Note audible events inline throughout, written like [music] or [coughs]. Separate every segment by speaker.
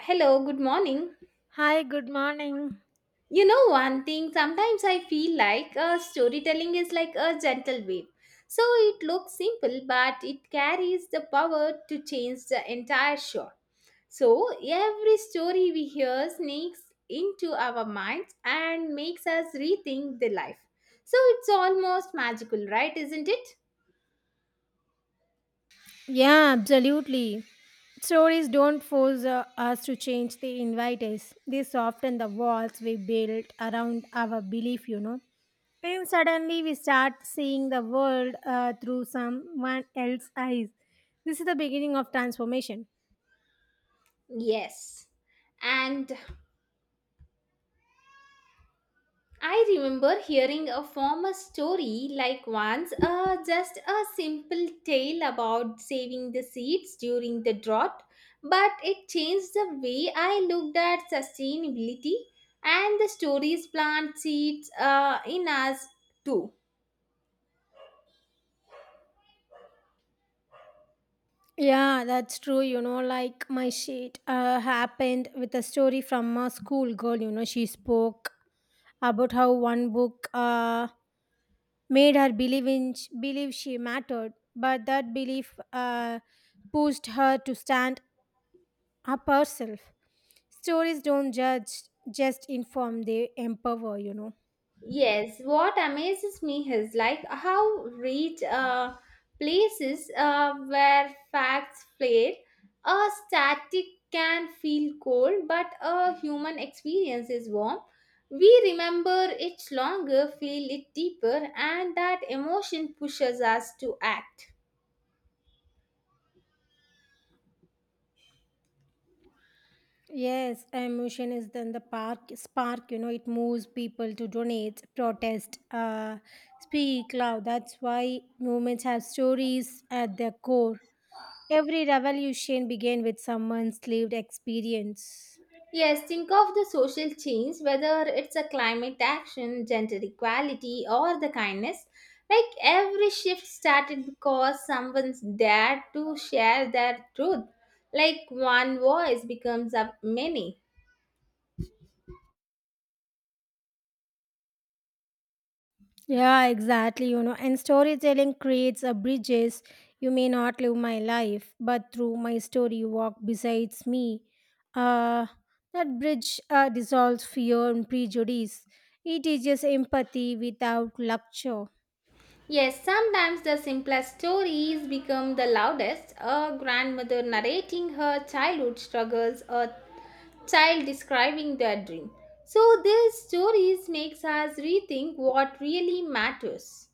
Speaker 1: Hello, good morning.
Speaker 2: Hi, good morning.
Speaker 1: You know, one thing, sometimes I feel like storytelling is like a gentle wave. So it looks simple, but it carries the power to change the entire show. So every story we hear sneaks into our minds and makes us rethink the life. So it's almost magical, right? Isn't it?
Speaker 2: Yeah, absolutely. Stories don't force us to change, they invite us. They soften the walls we build around our belief, And suddenly we start seeing the world through someone else's eyes. This is the beginning of transformation.
Speaker 1: Yes. And I remember hearing a former story like once, just a simple tale about saving the seeds during the drought, but it changed the way I looked at sustainability, and the stories plant seeds in us too.
Speaker 2: Yeah, that's true. You know, like my shit happened with a story from a school girl. You know, she spoke about how one book. Made her believe in believe she mattered, but that belief pushed her to stand up herself. Stories don't judge, just inform, they empower,
Speaker 1: Yes, what amazes me is like how rich places where facts fade, a static can feel cold, but a human experience is warm. We remember it longer, feel it deeper, and that emotion pushes us to act.
Speaker 2: yes, emotion is then the park spark, you know, it moves people to donate, protest, speak loud. That's why movements have stories at their core. Every revolution began with someone's lived experience.
Speaker 1: Yes, think of the social change, whether it's a climate action, gender equality, or the kindness. Like every shift started because someone's dared to share their truth. Like one voice becomes a many.
Speaker 2: Yeah, exactly. You know, and storytelling creates a bridges. You may not live my life, but through my story, you walk besides me. Uh, that bridge dissolves fear and prejudice. It teaches empathy without lecture.
Speaker 1: Yes, sometimes the simplest stories become the loudest. A grandmother narrating her childhood struggles, a child describing their dream. So these stories makes us rethink what really matters.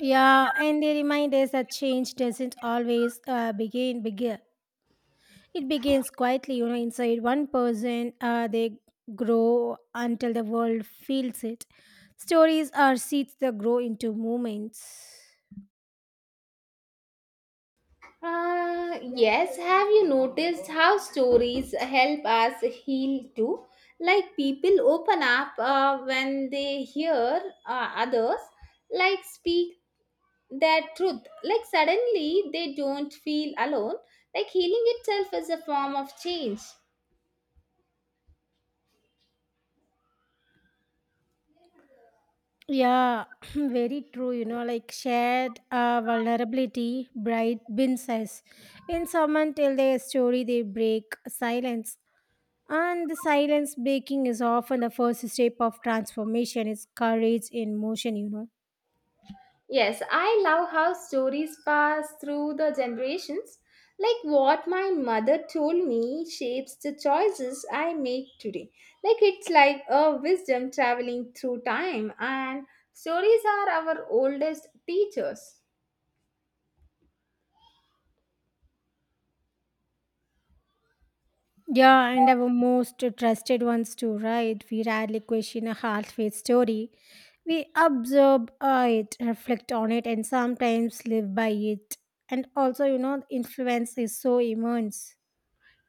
Speaker 2: Yeah, and they remind us that change doesn't always begin bigger. It begins quietly, you know, inside one person. They grow until the world feels it. Stories are seeds that grow into movements.
Speaker 1: Yes, have you noticed how stories help us heal too? Like people open up when they hear others like speak their truth. Like suddenly they don't feel alone. Like healing itself is a form of change.
Speaker 2: Yeah, [clears throat] very true. You know, like shared vulnerability, bright bin says. When someone tell their story, they break silence. And the silence breaking is often the first step of transformation. It's courage in motion, you know.
Speaker 1: Yes, I love how stories pass through the generations. Like what my mother told me shapes the choices I make today. Like it's like a wisdom traveling through time, and stories are our oldest teachers.
Speaker 2: Yeah, and our most trusted ones too, right? We rarely question a hard-faced story. We observe it, reflect on it, and sometimes live by it. And also, you know, influence is so immense.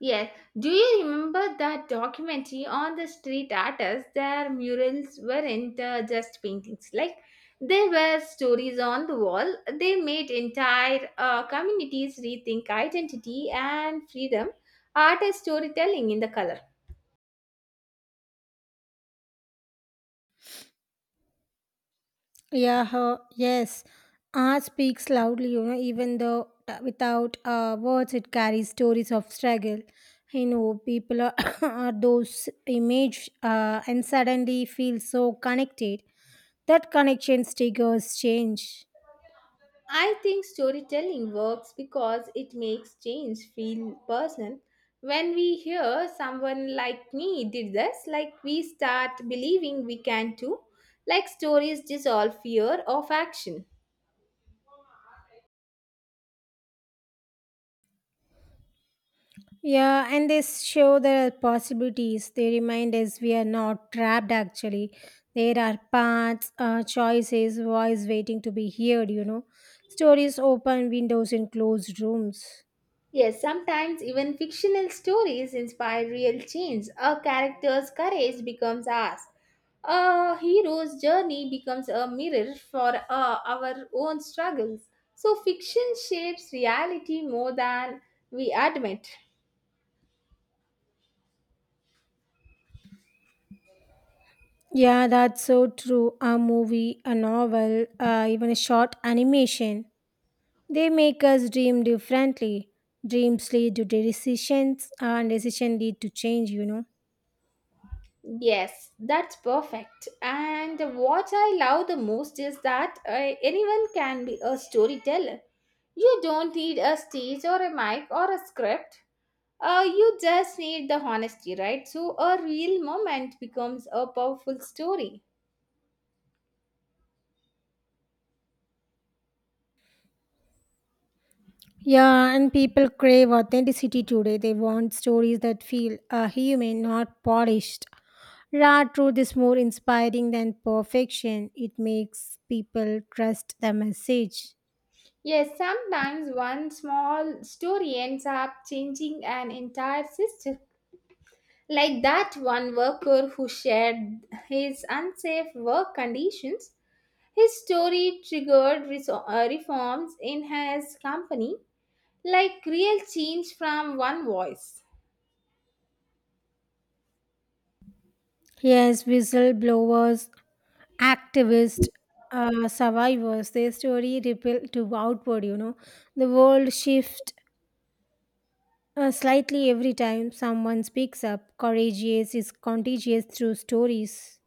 Speaker 1: Yes. Do you remember that documentary on the street artists? Their murals weren't just paintings. Like, they were stories on the wall. They made entire communities rethink identity and freedom, art as storytelling in the color.
Speaker 2: Yeah, her, yes. Art speaks loudly, you know, even though without words, it carries stories of struggle. You know, people are, [coughs] are those image and suddenly feel so connected. That connection triggers change.
Speaker 1: I think storytelling works because it makes change feel personal. When we hear someone like me did this, like we start believing we can too, like stories dissolve fear of action.
Speaker 2: Yeah, and they show the possibilities. They remind us we are not trapped actually. There are paths, choices, voice waiting to be heard, you know. Stories open windows in closed rooms.
Speaker 1: Yes, sometimes even fictional stories inspire real change. A character's courage becomes ours. A hero's journey becomes a mirror for our own struggles. So, fiction shapes reality more than we admit.
Speaker 2: Yeah, that's so true. A movie, a novel, even a short animation. They make us dream differently. Dreams lead to decisions, and decision lead to change, you know.
Speaker 1: Yes, that's perfect. And what I love the most is that anyone can be a storyteller. You don't need a stage or a mic or a script. You just need the honesty, right? So a real moment becomes a powerful story.
Speaker 2: Yeah, and people crave authenticity today. They want stories that feel human, not polished. Raw truth is more inspiring than perfection. It makes people trust the message.
Speaker 1: Yes, sometimes one small story ends up changing an entire system. Like that one worker who shared his unsafe work conditions. His story triggered reforms in his company, like real change from one voice.
Speaker 2: Yes, whistleblowers, activists, survivors, their story ripple to outward, you know. The world shifts slightly every time someone speaks up. Courageous is contagious through stories.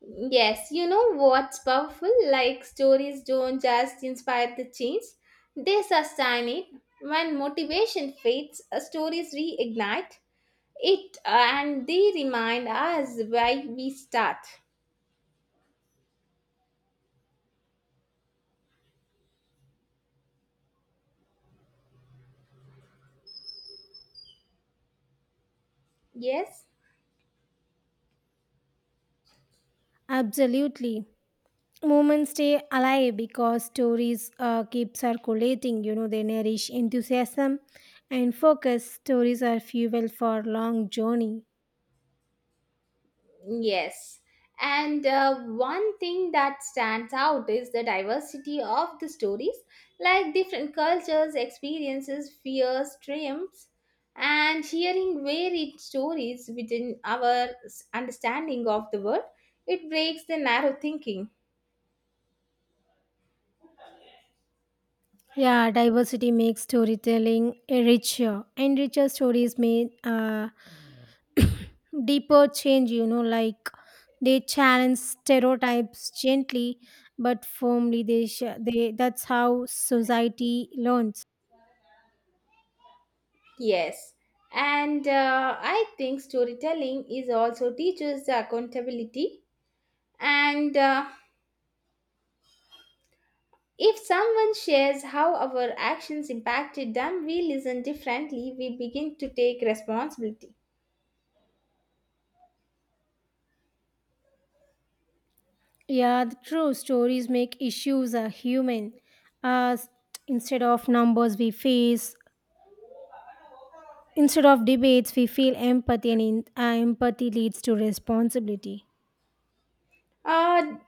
Speaker 1: Yes, you know what's powerful? Like stories don't just inspire the change, they sustain it. When motivation fades, stories reignite it, and they remind us why we start. Yes?
Speaker 2: Absolutely. Moments stay alive because stories keep circulating, you know, they nourish enthusiasm and focus. Stories are fuel for long journey.
Speaker 1: Yes. And one thing that stands out is the diversity of the stories, like different cultures, experiences, fears, dreams, and hearing varied stories within our understanding of the world, it breaks the narrow thinking.
Speaker 2: Yeah, diversity makes storytelling richer, and richer stories may [coughs] [clears throat] deeper change, you know, like they challenge stereotypes gently but firmly. They that's how society learns.
Speaker 1: Yes. And I think storytelling is also teaches the accountability and if someone shares how our actions impacted them, we listen differently, we begin to take responsibility.
Speaker 2: Yeah, the true stories make issues a human. Uh, instead of numbers we face, instead of debates, we feel empathy, and empathy leads to responsibility.
Speaker 1: Uh,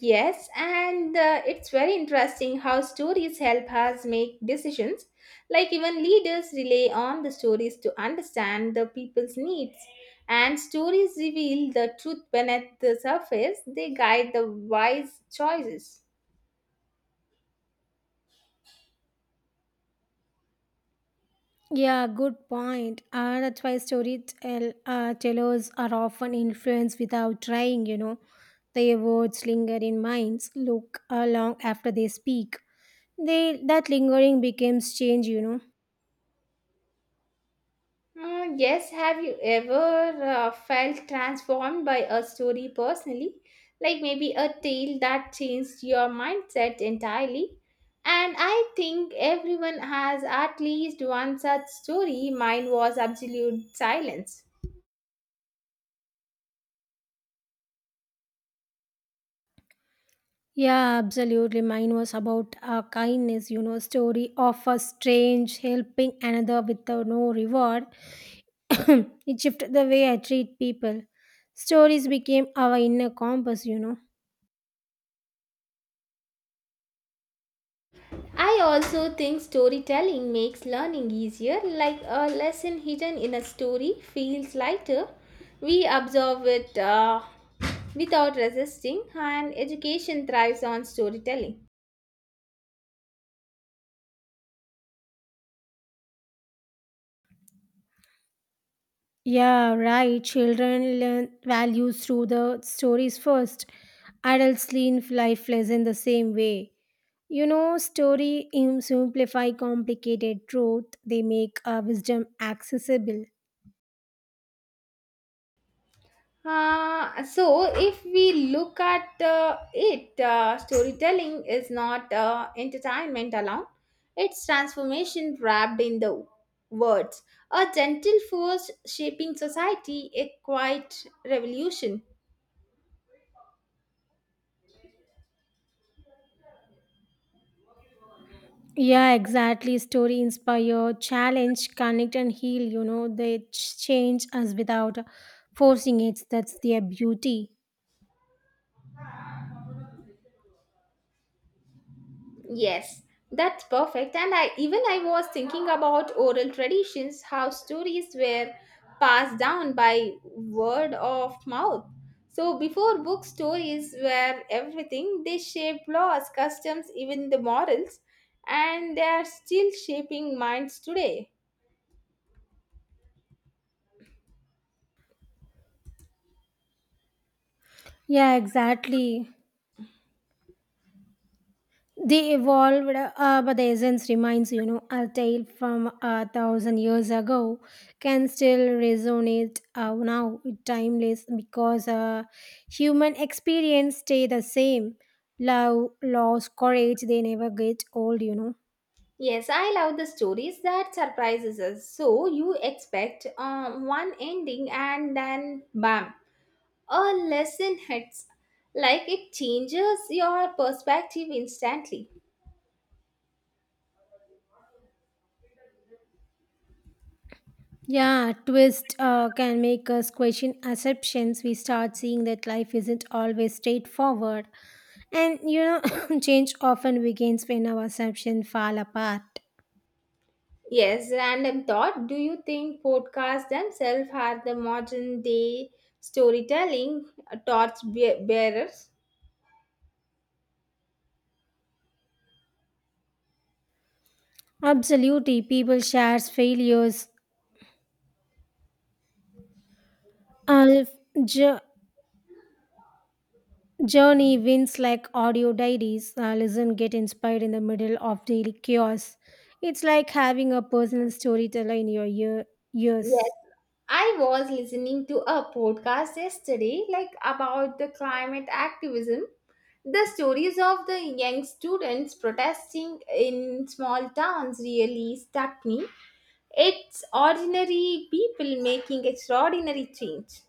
Speaker 1: yes, and it's very interesting how stories help us make decisions. Like, even leaders rely on the stories to understand the people's needs. And stories reveal the truth beneath the surface, they guide the wise choices.
Speaker 2: Yeah, good point. That's why storytell tellers are often influenced without trying. You know, their words linger in minds. Look Long after they speak. They that lingering becomes change. You know.
Speaker 1: Yes, have you ever felt transformed by a story personally? Like maybe a tale that changed your mindset entirely? And I think everyone has at least one such story. Mine was absolute silence.
Speaker 2: Yeah, absolutely. Mine was about kindness, you know, story of a strange helping another without no reward. [coughs] [clears throat] It shifted the way I treat people. Stories became our inner compass, you know.
Speaker 1: I also think storytelling makes learning easier, like a lesson hidden in a story feels lighter. We absorb it without resisting, and education thrives on storytelling.
Speaker 2: Yeah, right. Children learn values through the stories first. Adults lean life lesson the same way. You know, simplify complicated truth. They make wisdom accessible.
Speaker 1: So, if we look at it, storytelling is not entertainment alone, it's transformation wrapped in the words. A gentle force shaping society, a quiet revolution.
Speaker 2: Yeah, exactly. Story inspire, challenge, connect, and heal. You know, change us without forcing it. That's their beauty.
Speaker 1: Yes, that's perfect. And I was thinking about oral traditions, how stories were passed down by word of mouth. So before book stories were everything, they shaped laws, customs, even the morals, and they are still shaping minds today.
Speaker 2: Yeah, exactly. They evolved, but the essence remains, you know, a tale from a thousand years ago can still resonate now, timeless, because human experience stay the same. Love, loss, courage, they never get old, you know.
Speaker 1: Yes, I love the stories that surprises us. So you expect one ending and then bam, a lesson hits like it changes your perspective instantly.
Speaker 2: Yeah, twist can make us question assumptions. We start seeing that life isn't always straightforward, and [coughs] [clears throat] change often begins when our assumptions fall apart.
Speaker 1: Yes, random thought. Do you think podcasts themselves are the modern day storytelling bearers?
Speaker 2: Absolutely, people shares failures. Uh, jo- Journey wins like audio diaries. Listen, get inspired in the middle of daily chaos. It's like having a personal storyteller in your ears.
Speaker 1: Yes, I was listening to a podcast yesterday, like about the climate activism, the stories of the young students protesting in small towns really struck me. It's ordinary people making extraordinary change.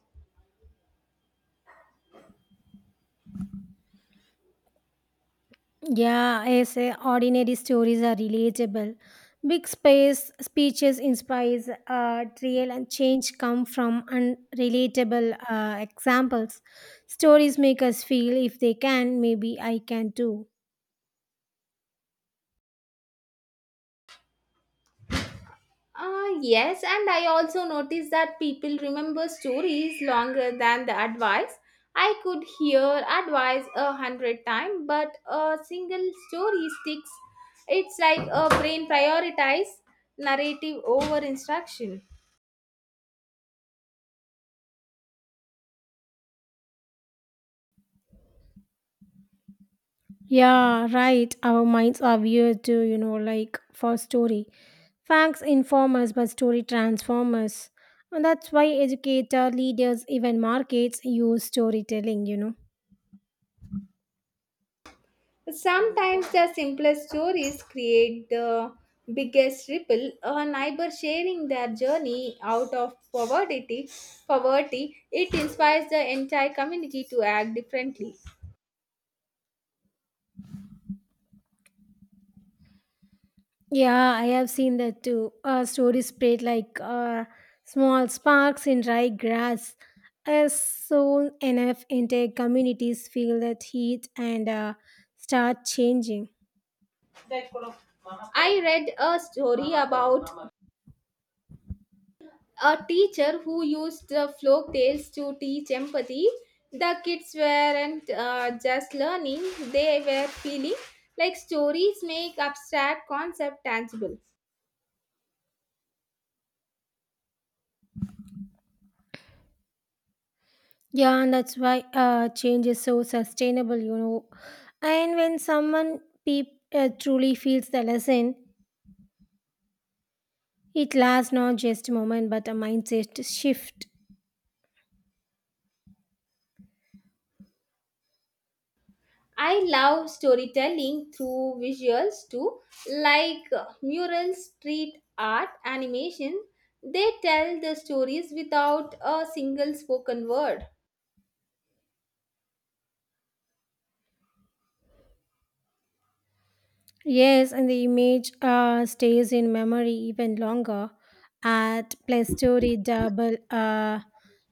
Speaker 2: Yeah, as ordinary stories are relatable. Big space speeches inspires trial, and change come from unrelatable examples. Stories make us feel if they can, maybe I can too.
Speaker 1: Ah, yes, and I also noticed that people remember stories longer than the advice. I could hear advice a hundred times, but a single story sticks. It's like a brain prioritize narrative over instruction.
Speaker 2: Yeah, right. Our minds are weird too, you know, like for story. Facts inform us, but story transform us. And that's why educator, leaders, even markets use storytelling, you know.
Speaker 1: Sometimes the simplest stories create the biggest ripple. A neighbor sharing their journey out of poverty, poverty, it inspires the entire community to act differently.
Speaker 2: Yeah, I have seen that too. Stories spread like small sparks in dry grass. As soon enough, entire communities feel that heat and start changing.
Speaker 1: I read a story about a teacher who used the folk tales to teach empathy. The kids weren't just learning; they were feeling. Like stories make abstract concept tangible.
Speaker 2: Yeah, and that's why change is so sustainable, you know. And when someone peop truly feels the lesson, it lasts not just a moment but a mindset shift.
Speaker 1: I love storytelling through visuals too, like murals, street art, animation. They tell the stories without a single spoken word.
Speaker 2: Yes, and the image stays in memory even longer. At plus story double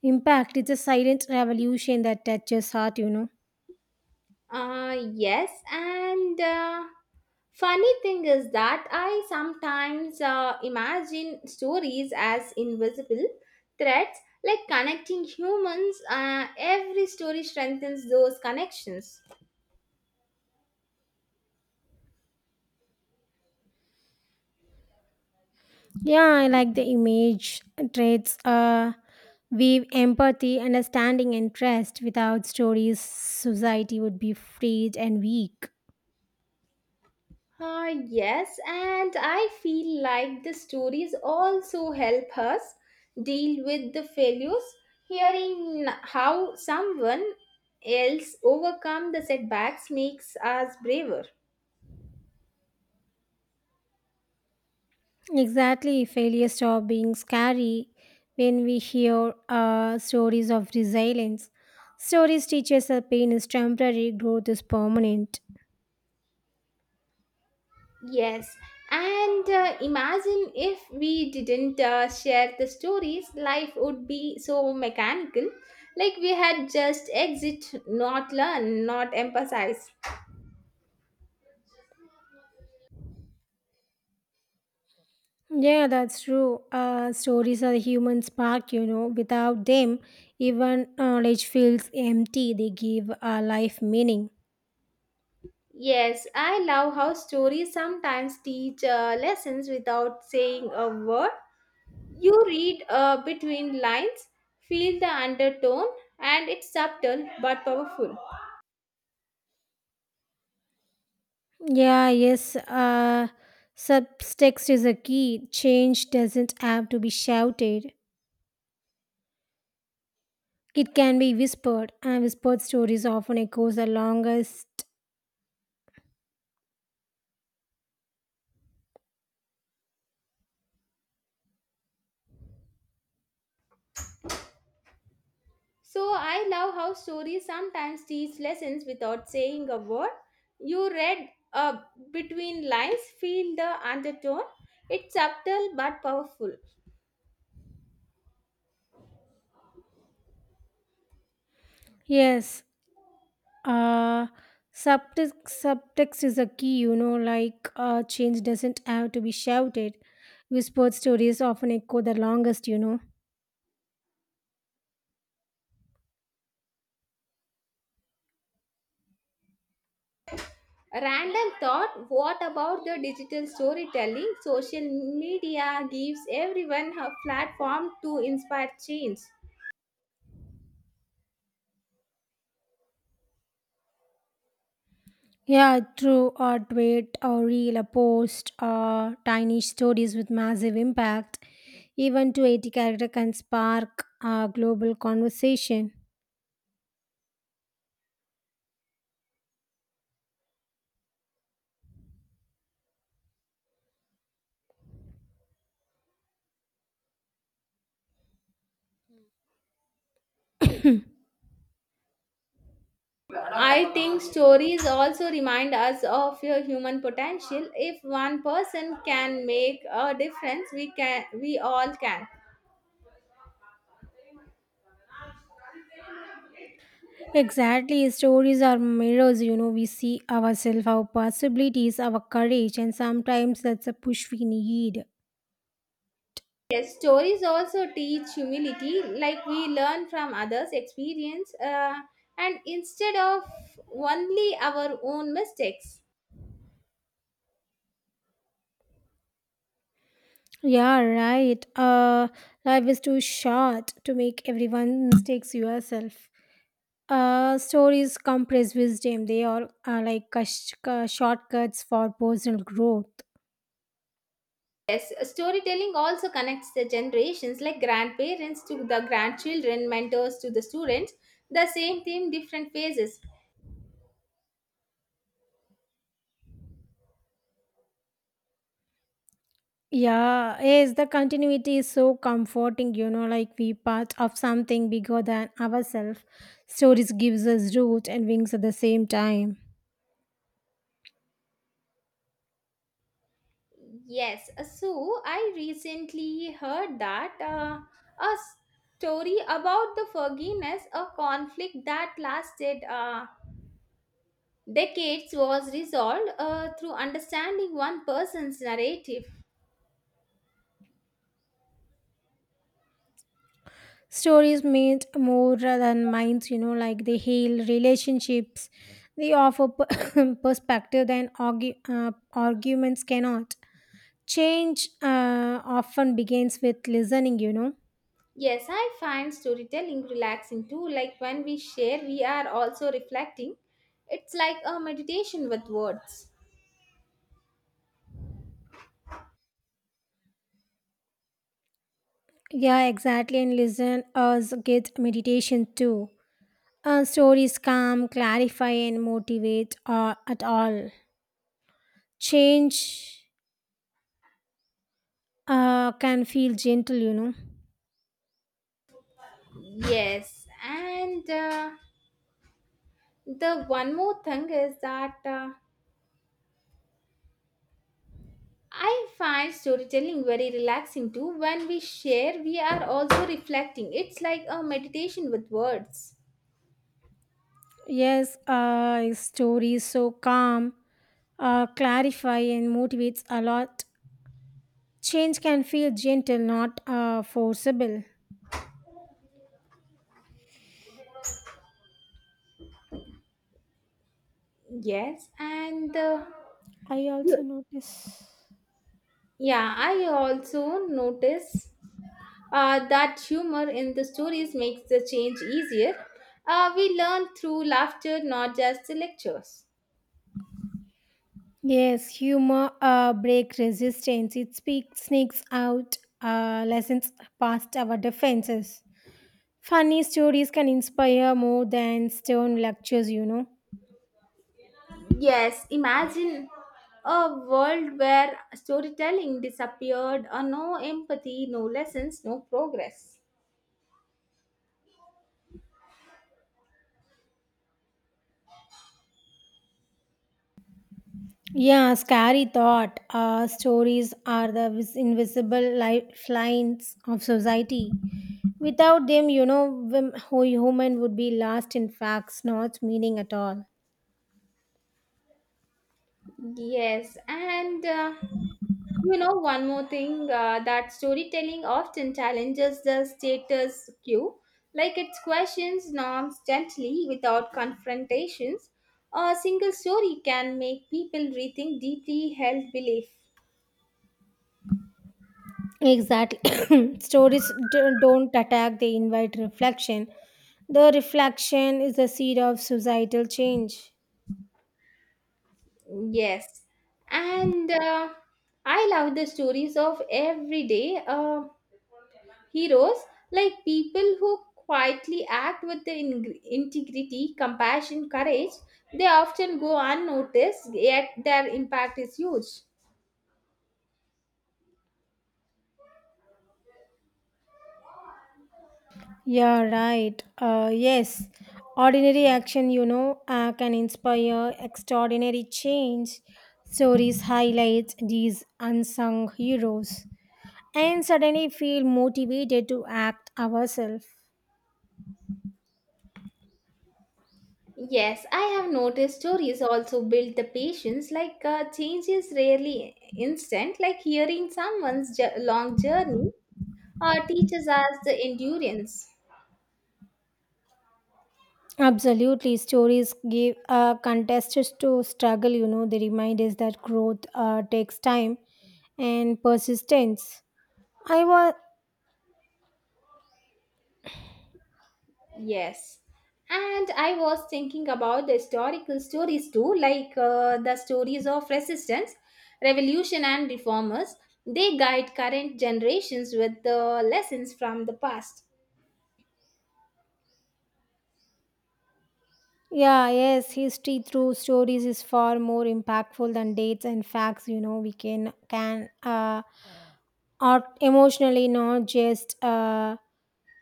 Speaker 2: impact, it's a silent revolution that touches heart, you know.
Speaker 1: Yes, and funny thing is that I sometimes imagine stories as invisible threads, like connecting humans. Every story strengthens those connections.
Speaker 2: Yeah, I like the image traits. Weave empathy, understanding, and trust. Without stories, society would be frayed and weak.
Speaker 1: Yes, and I feel like the stories also help us deal with the failures. Hearing how someone else overcome the setbacks makes us braver.
Speaker 2: Exactly, failure stop being scary when we hear stories of resilience. Stories teach us that pain is temporary, growth is permanent.
Speaker 1: Yes, and imagine if we didn't share the stories, life would be so mechanical. Like we had just exit, not learn, not emphasize.
Speaker 2: Yeah, that's true. Stories are the human spark, you know. Without them, even knowledge feels empty. They give our life meaning.
Speaker 1: Yes, I love how stories sometimes teach lessons without saying a word. You read between lines, feel the undertone, and it's subtle but powerful.
Speaker 2: Yeah, yes. Subtext is a key. Change doesn't have to be shouted. It can be whispered, and whispered stories often echoes the longest.
Speaker 1: So I love how stories sometimes teach lessons without saying a word. You read between lines, feel the undertone. It's subtle but powerful.
Speaker 2: Yes, uh, subtext is a key, you know, like change doesn't have to be shouted. Whispered stories often echo the longest, you know.
Speaker 1: Random thought, what about the digital storytelling? Social media gives everyone a platform to inspire change.
Speaker 2: Yeah, true. A tweet, a reel, a post, or tiny stories with massive impact. Even 280 character can spark a global conversation.
Speaker 1: I think stories also remind us of your human potential. If one person can make a difference, we all can.
Speaker 2: Exactly, stories are mirrors, you know, we see ourselves, our possibilities, our courage, and sometimes that's a push we need.
Speaker 1: Yes, stories also teach humility, like we learn from others' experience and instead of only our own mistakes.
Speaker 2: Yeah, right. Life is too short to make everyone mistakes yourself. Stories compress wisdom. They are like shortcuts for personal growth.
Speaker 1: Yes, storytelling also connects the generations like grandparents to the grandchildren, mentors to the students, the same theme, different phases.
Speaker 2: Yeah, yes, the continuity is so comforting, you know, like we part of something bigger than ourselves. Stories gives us roots and wings at the same time.
Speaker 1: Yes, so I recently heard that a story about the forgiveness, a conflict that lasted decades, was resolved through understanding one person's narrative.
Speaker 2: Stories mean more than minds, you know, like they heal relationships. [coughs] Perspective than arguments cannot. Change often begins with listening, you know.
Speaker 1: Yes, I find storytelling relaxing too. Like when we share, we are also reflecting. It's like a meditation with words.
Speaker 2: Yeah, exactly, and listen us get meditation too. Stories calm, clarify, and motivate at all. Change can feel gentle, you know.
Speaker 1: Yes, and the one more thing is that I find storytelling very relaxing too. When we share, we are also reflecting. It's like a meditation with words.
Speaker 2: Yes, stories so calm, clarify, and motivates a lot. Change can feel gentle, not forcible.
Speaker 1: Yes, and
Speaker 2: I also
Speaker 1: you-
Speaker 2: notice.
Speaker 1: yeah, I also notice that humor in the stories makes the change easier. We learn through laughter, not just the lectures.
Speaker 2: Yes, humor break resistance. It speaks, sneaks out, lessons past our defenses. Funny stories can inspire more than stern lectures, you know.
Speaker 1: Yes, imagine a world where storytelling disappeared, or no empathy, no lessons, no progress.
Speaker 2: Yeah, scary thought. Stories are the invisible lifelines of society. Without them, you know, who human would be lost in facts, not meaning at all.
Speaker 1: Yes, and you know, one more thing that storytelling often challenges the status quo, like it questions norms gently without confrontations. A single story can make people rethink deeply held belief.
Speaker 2: Exactly. [coughs] [clears throat] Stories don't attack, they invite reflection. The reflection is the seed of societal change.
Speaker 1: Yes, and I love the stories of every day. Heroes, like people who quietly act with the integrity, compassion, courage, they often go unnoticed, yet their impact is huge.
Speaker 2: Yeah, right. Yes. Ordinary action, you know, can inspire extraordinary change. Stories highlight these unsung heroes and suddenly feel motivated to act ourselves.
Speaker 1: Yes, I have noticed stories also build the patience. Like change is rarely instant. Like hearing someone's long journey teaches us the endurance.
Speaker 2: Absolutely. Stories give contestants to struggle, you know, they remind us that growth takes time and persistence. I was.
Speaker 1: Yes. And I was thinking about the historical stories too, like the stories of resistance, revolution, and reformers. They guide current generations with the lessons from the past.
Speaker 2: Yeah, yes, history through stories is far more impactful than dates and facts. You know, we can art emotionally, not just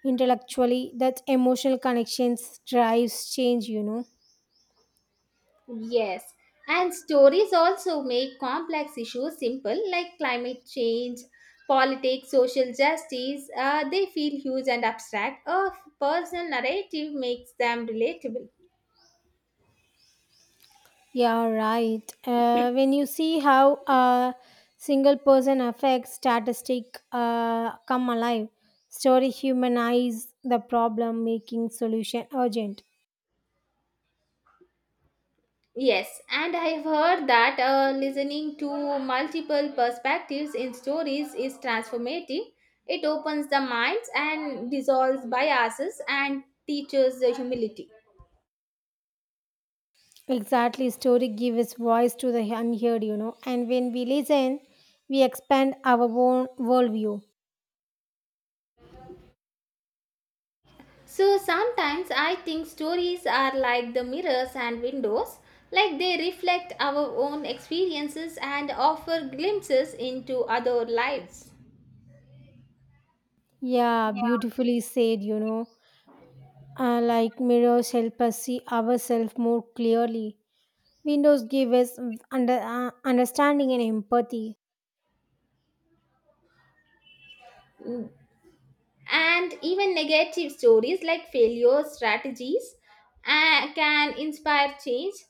Speaker 2: intellectually. That emotional connections drives change. You know.
Speaker 1: Yes. And stories also make complex issues simple, like climate change, politics, social justice. They feel huge and abstract. A personal narrative makes them relatable.
Speaker 2: Yeah, right. When you see how a single person affects statistic come alive, story humanize the problem, making solution urgent.
Speaker 1: Yes, and I've heard that listening to multiple perspectives in stories is transformative. It opens the minds and dissolves biases and teaches the humility.
Speaker 2: Exactly, story gives voice to the unheard, you know, and when we listen, we expand our own worldview.
Speaker 1: So sometimes I think stories are like the mirrors and windows, like they reflect our own experiences and offer glimpses into other lives.
Speaker 2: Yeah, beautifully said, you know. Like mirrors help us see ourselves more clearly. Windows give us understanding and empathy.
Speaker 1: And even negative stories like failure strategies can inspire change.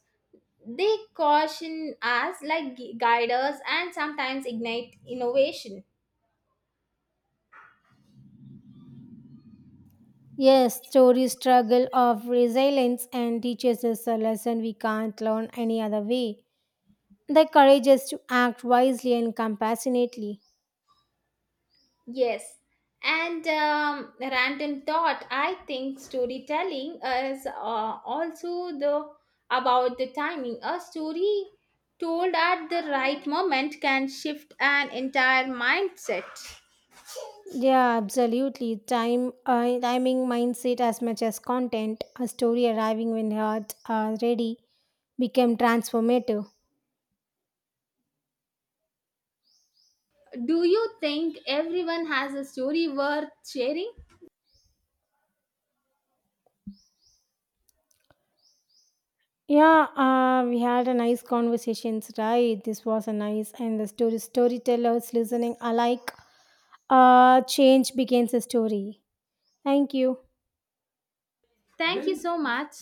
Speaker 1: They caution us, like guide us and sometimes ignite innovation.
Speaker 2: Yes, story struggle of resilience and teaches us a lesson we can't learn any other way. They encourage us to act wisely and compassionately.
Speaker 1: Yes, and random thought, I think storytelling is also the about the timing. A story told at the right moment can shift an entire mindset.
Speaker 2: Yeah, absolutely. Timing, mindset, as much as content, a story arriving when heart are ready became transformative.
Speaker 1: Do you think everyone has a story worth sharing?
Speaker 2: Yeah, we had a nice conversations, right? This was a nice, and the storytellers listening alike. Change begins a story. Thank you.
Speaker 1: Thank you so much.